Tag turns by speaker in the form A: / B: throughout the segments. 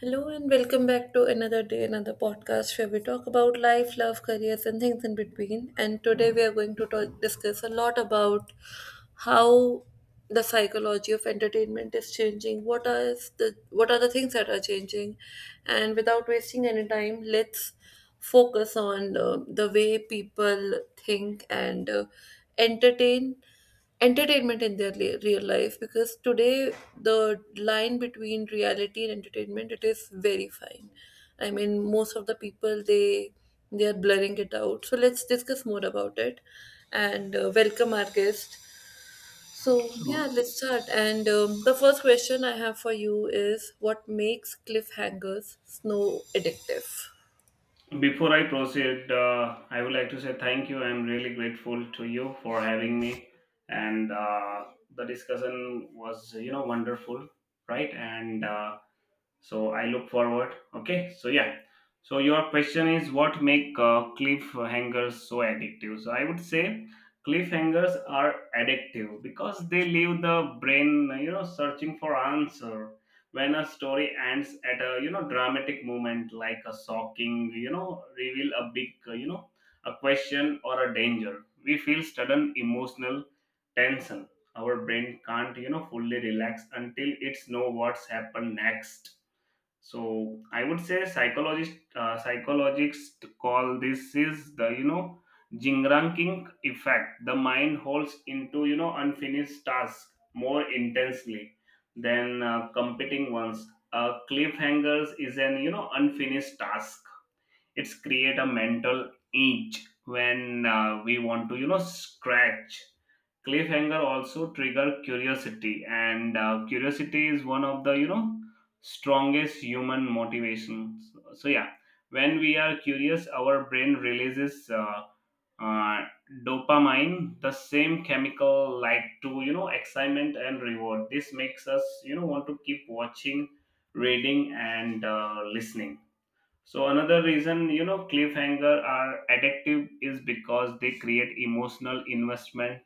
A: Hello and welcome back to another day, another podcast where we talk about life, love, careers, and things in between. And today we are going to discuss a lot about how the psychology of entertainment is changing. What are the things that are changing? And without wasting any time, let's focus on the way people think, and entertain entertainment in their real life, because today the line between reality and entertainment, it is very fine. I mean, most of the people, they are blurring it out. So let's discuss more about it, and welcome our guest. So yeah,
B: So,
A: let's start. And the first question I have for you is what makes cliffhangers snow addictive.
B: before I proceed, I would like to say thank you. I'm really grateful to you for having me, and the discussion was, wonderful, right? And so I look forward. Okay, so yeah, so your question is what make cliffhangers so addictive. So I would say cliffhangers are addictive because they leave the brain, searching for answer. When a story ends at a, dramatic moment, like a shocking, reveal, a big a question or a danger, we feel sudden emotional tension. Our brain can't, fully relax until it's know what's happened next. So I would say psychologists call this is the, jingranking effect. The mind holds into, unfinished tasks more intensely than competing ones. Cliffhangers is an, unfinished task. It's create a mental itch when we want to, scratch. Cliffhanger also trigger curiosity, and curiosity is one of the, strongest human motivations. So yeah, when we are curious, our brain releases uh, dopamine, the same chemical like to, excitement and reward. This makes us, want to keep watching, reading, and listening. So another reason, cliffhanger are addictive is because they create emotional investment.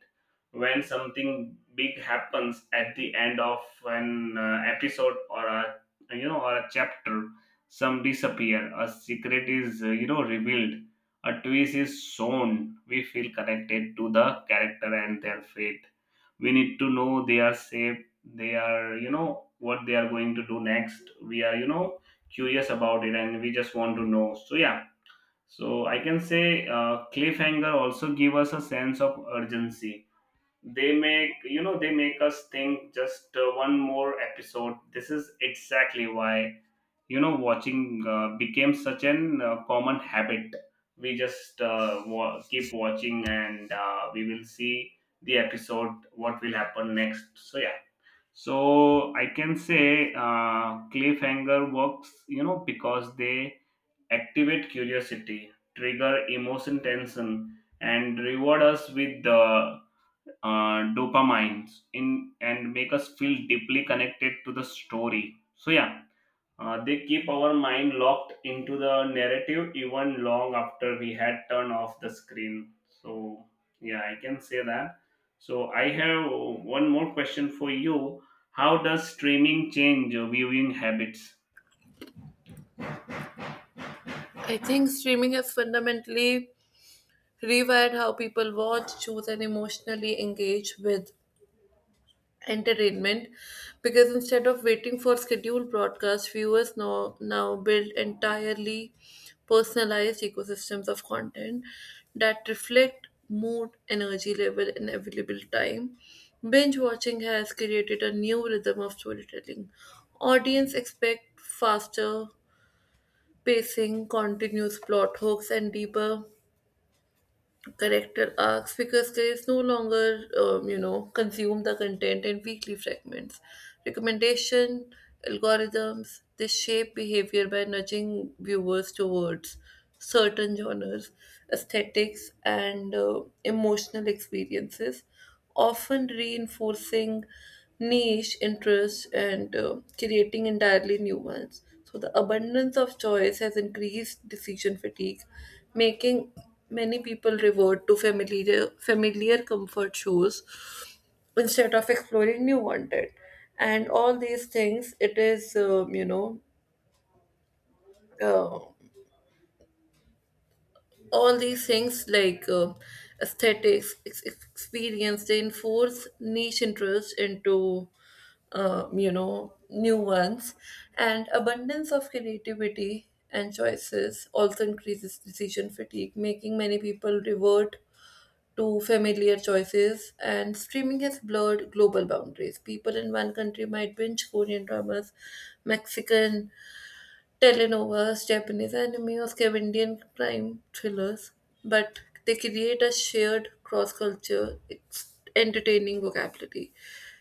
B: When something big happens at the end of an episode or a, or a chapter, some disappear, a secret is, revealed, a twist is shown, we feel connected to the character and their fate. We need to know they are safe. They are, what they are going to do next. We are, curious about it, and we just want to know. So yeah, so I can say cliffhanger also give us a sense of urgency. They make us think just one more episode. This is exactly why, watching became such an common habit. We just keep watching, and we will see the episode what will happen next. So yeah, so I can say cliffhanger works, because they activate curiosity, trigger emotion tension, and reward us with the dopamines in, and make us feel deeply connected to the story. So yeah, they keep our mind locked into the narrative, even long after we had turned off the screen. So yeah, I can say that. So I have one more question for you. How does streaming change your viewing habits?
A: I think streaming has fundamentally rewired how people watch, choose, and emotionally engage with entertainment, because instead of waiting for scheduled broadcasts, viewers now build entirely personalized ecosystems of content that reflect mood, energy level, and available time. Binge watching has created a new rhythm of storytelling. Audience expect faster pacing, continuous plot hooks, and deeper character arcs because critics no longer consume the content in weekly fragments. Recommendation algorithms, they shape behavior by nudging viewers towards certain genres, aesthetics, and emotional experiences, often reinforcing niche interests and creating entirely new ones. So the abundance of choice has increased decision fatigue, making many people revert to familiar comfort shows instead of exploring new content. And all these things, it is, you know, uh, all these things like aesthetics experience, they enforce niche interests into new ones. And abundance of creativity and choices also increases decision fatigue, making many people revert to familiar choices. And streaming has blurred global boundaries. People in one country might binge Korean dramas, Mexican Telenovelas, Japanese anime, or Scandinavian crime thrillers, but they create a shared cross culture, entertaining vocabulary.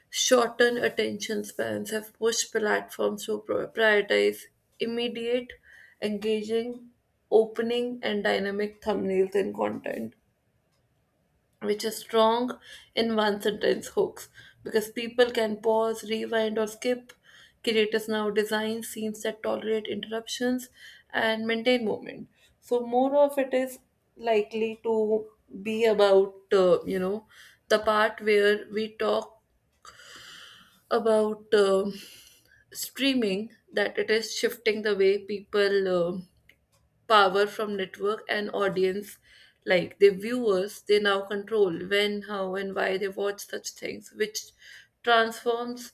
A: Shortened attention spans have pushed platforms to prioritize immediate, engaging, opening, and dynamic thumbnails and content, which is strong in one sentence hooks, because people can pause, rewind, or skip. Creators now design scenes that tolerate interruptions and maintain movement. So more of it is likely to be about, the part where we talk about streaming, that it is shifting the way people. Power from network and audience, like the viewers, they now control when, how, and why they watch such things, which transforms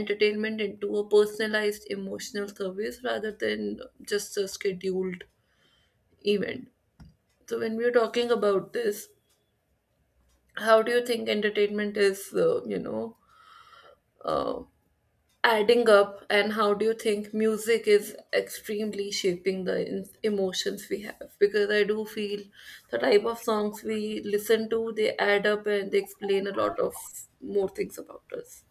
A: entertainment into a personalized emotional service rather than just a scheduled event. So when we're talking about this, how do you think entertainment is uh, adding up, and how do you think music is extremely shaping the emotions we have, because I do feel the type of songs we listen to, they add up and they explain a lot of more things about us.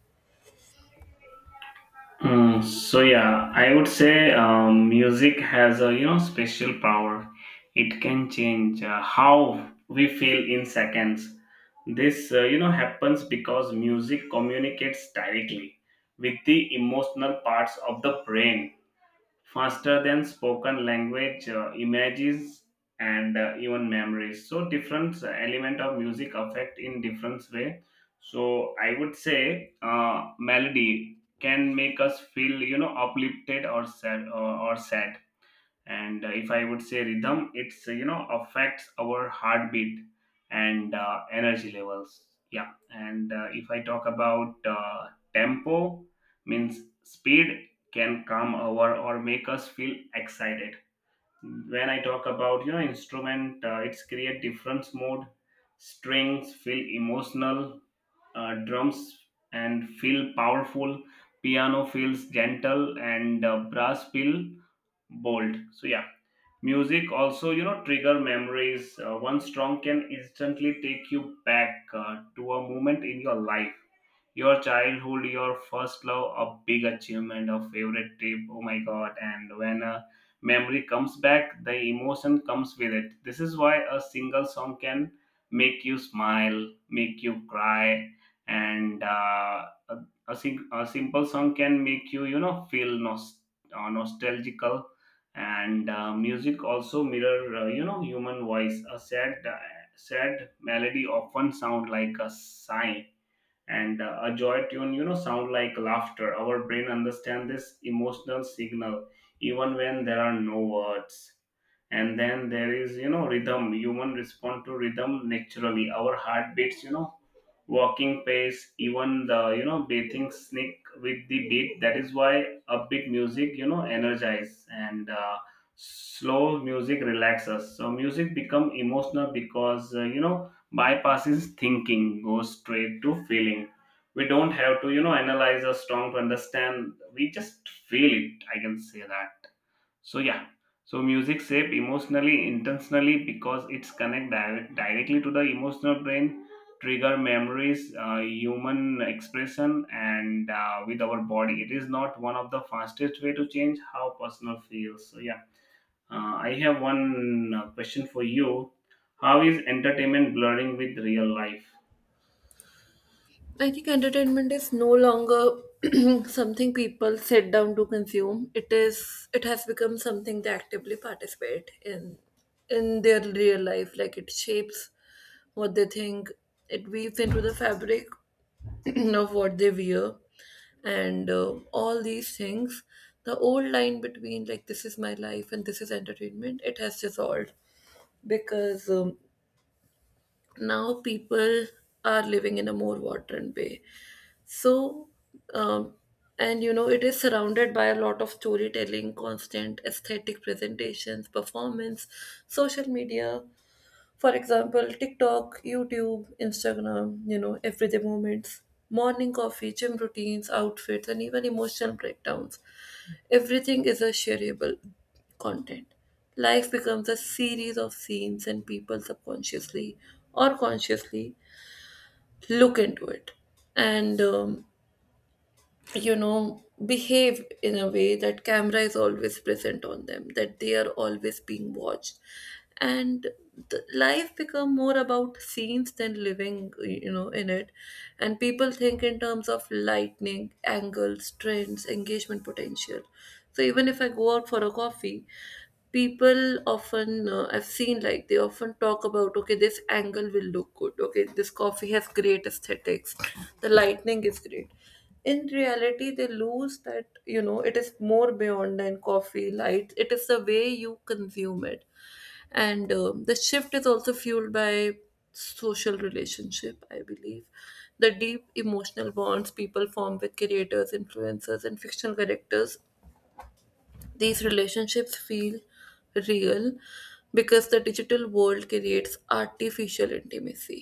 B: Mm, so yeah, I would say music has a, special power. It can change how we feel in seconds. This, happens because music communicates directly with the emotional parts of the brain, faster than spoken language, images, and even memories. So different element of music affect in different way. So I would say melody can make us feel, uplifted or sad or sad. And if I would say rhythm, it's, affects our heartbeat and energy levels, yeah. And if I talk about tempo, means speed, can calm our or make us feel excited. When I talk about, instrument, it's create different mode. Strings feel emotional, drums and feel powerful, piano feels gentle, and brass feel bold. So yeah, music also, trigger memories. One song can instantly take you back to a moment in your life, your childhood, your first love, a big achievement, a favorite trip. Oh my god. And when a memory comes back, the emotion comes with it. This is why a single song can make you smile, make you cry. And uh, a, a, sing- a simple song can make you, you know feel nostalgical. And music also mirror, human voice. A sad melody often sound like a sigh, and a joy tune, sound like laughter. Our brain understand this emotional signal even when there are no words. And then there is, rhythm. Human respond to rhythm naturally. Our heart beats, walking pace, even the, bathing sneak with the beat. That is why upbeat music, energize, and slow music relaxes. So music become emotional because, bypasses thinking, goes straight to feeling. We don't have to, analyze a song to understand. We just feel it. I can say that. So yeah, so music shape emotionally intentionally because it's connect directly to the emotional brain, trigger memories, human expression, and with our body. It is not one of the fastest way to change how personal feels. So yeah, I have one question for you. How is entertainment blurring with real life?
A: I think entertainment is no longer something people sit down to consume. It has become something they actively participate in their real life. Like, it shapes what they think, it weaves into the fabric of what they wear, and all these things. The old line between, like, this is my life and this is entertainment, it has dissolved, because now people are living in a more modern way. So, um, and it is surrounded by a lot of storytelling, constant aesthetic presentations, performance, social media. For example, TikTok, YouTube, Instagram, everyday moments, morning coffee, gym routines, outfits, and even emotional breakdowns. Everything is a shareable content. Life becomes a series of scenes, and people subconsciously or consciously look into it. And behave in a way that camera is always present on them, that they are always being watched. And the life become more about scenes than living, in it. And people think in terms of lightning, angles, trends, engagement potential. So even if I go out for a coffee, people often, I've seen, like, they often talk about, okay, this angle will look good, okay, this coffee has great aesthetics, the lightning is great. In reality, they lose that, it is more beyond than coffee light. It is the way you consume it. And the shift is also fueled by social relationship, I believe. The deep emotional bonds people form with creators, influencers, and fictional characters, these relationships feel real, because the digital world creates artificial intimacy,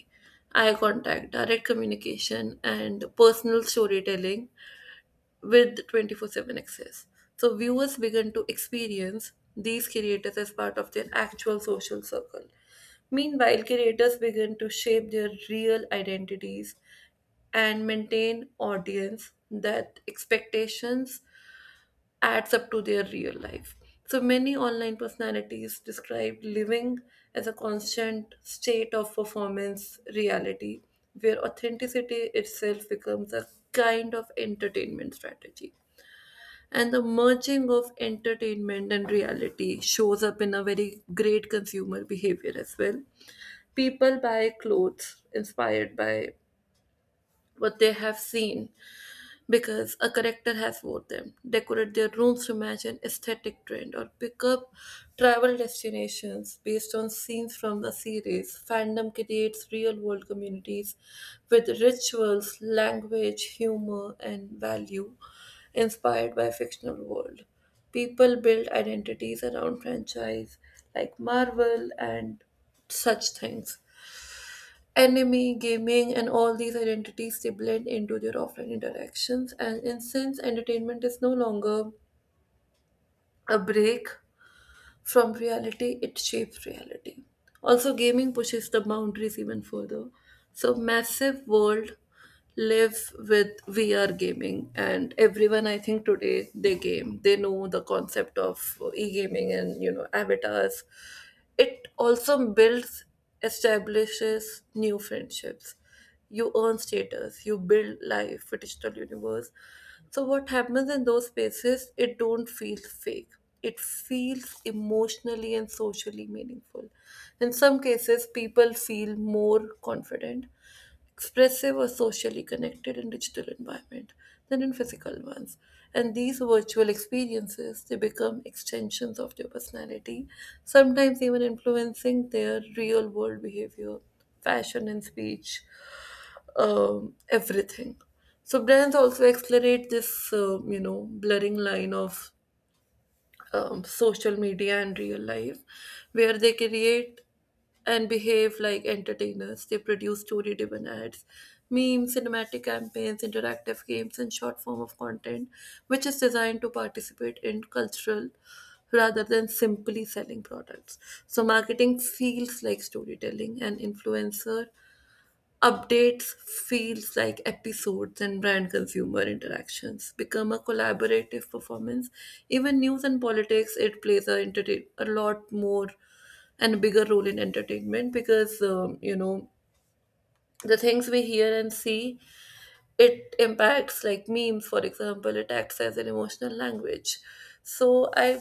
A: eye contact, direct communication, and personal storytelling with 24/7 access. So viewers began to experience these creators as part of their actual social circle. Meanwhile, creators began to shape their real identities and maintain audience that expectations adds up to their real life. So many online personalities described living as a constant state of performance reality, where authenticity itself becomes a kind of entertainment strategy. And the merging of entertainment and reality shows up in a very great consumer behavior as well. People buy clothes inspired by what they have seen because a character has wore them, decorate their rooms to match an aesthetic trend, or pick up travel destinations based on scenes from the series. Fandom creates real world communities with rituals, language, humor, and value inspired by fictional world. People build identities around franchise like Marvel and such things, Enemy gaming, and all these identities, they blend into their offline interactions. And in, since entertainment is no longer a break from reality, it shapes reality. Also, gaming pushes the boundaries even further. So massive world live with VR gaming, and everyone, I think today, they game. They know the concept of e-gaming and, avatars. It also builds, establishes new friendships. You earn status, you build life, a digital universe. So what happens in those spaces, it don't feel fake, it feels emotionally and socially meaningful. In some cases people feel more confident, expressive, or socially connected in digital environment than in physical ones. And these virtual experiences, they become extensions of their personality, sometimes even influencing their real world behavior, fashion, and speech, everything. So brands also accelerate this, blurring line of social media and real life, where they create and behave like entertainers. They produce story-driven ads, memes, cinematic campaigns, interactive games, and short form of content, which is designed to participate in cultural rather than simply selling products. So marketing feels like storytelling, and influencer updates feels like episodes, and brand consumer interactions become a collaborative performance. Even news and politics, it plays a lot more and bigger role in entertainment, because, the things we hear and see, it impacts, like memes, for example, it acts as an emotional language. So I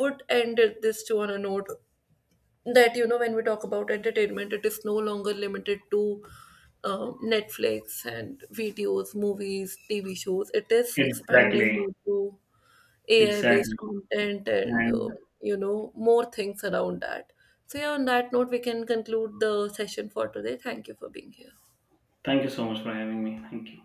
A: would end this to on a note that, when we talk about entertainment, it is no longer limited to Netflix and videos, movies, TV shows. It is expanding
B: Exactly,
A: more to ai based
B: exactly.
A: content and
B: And
A: more things around that. So yeah, on that note, we can conclude the session for today. Thank you for being here.
B: thank you so much for having me. Thank you.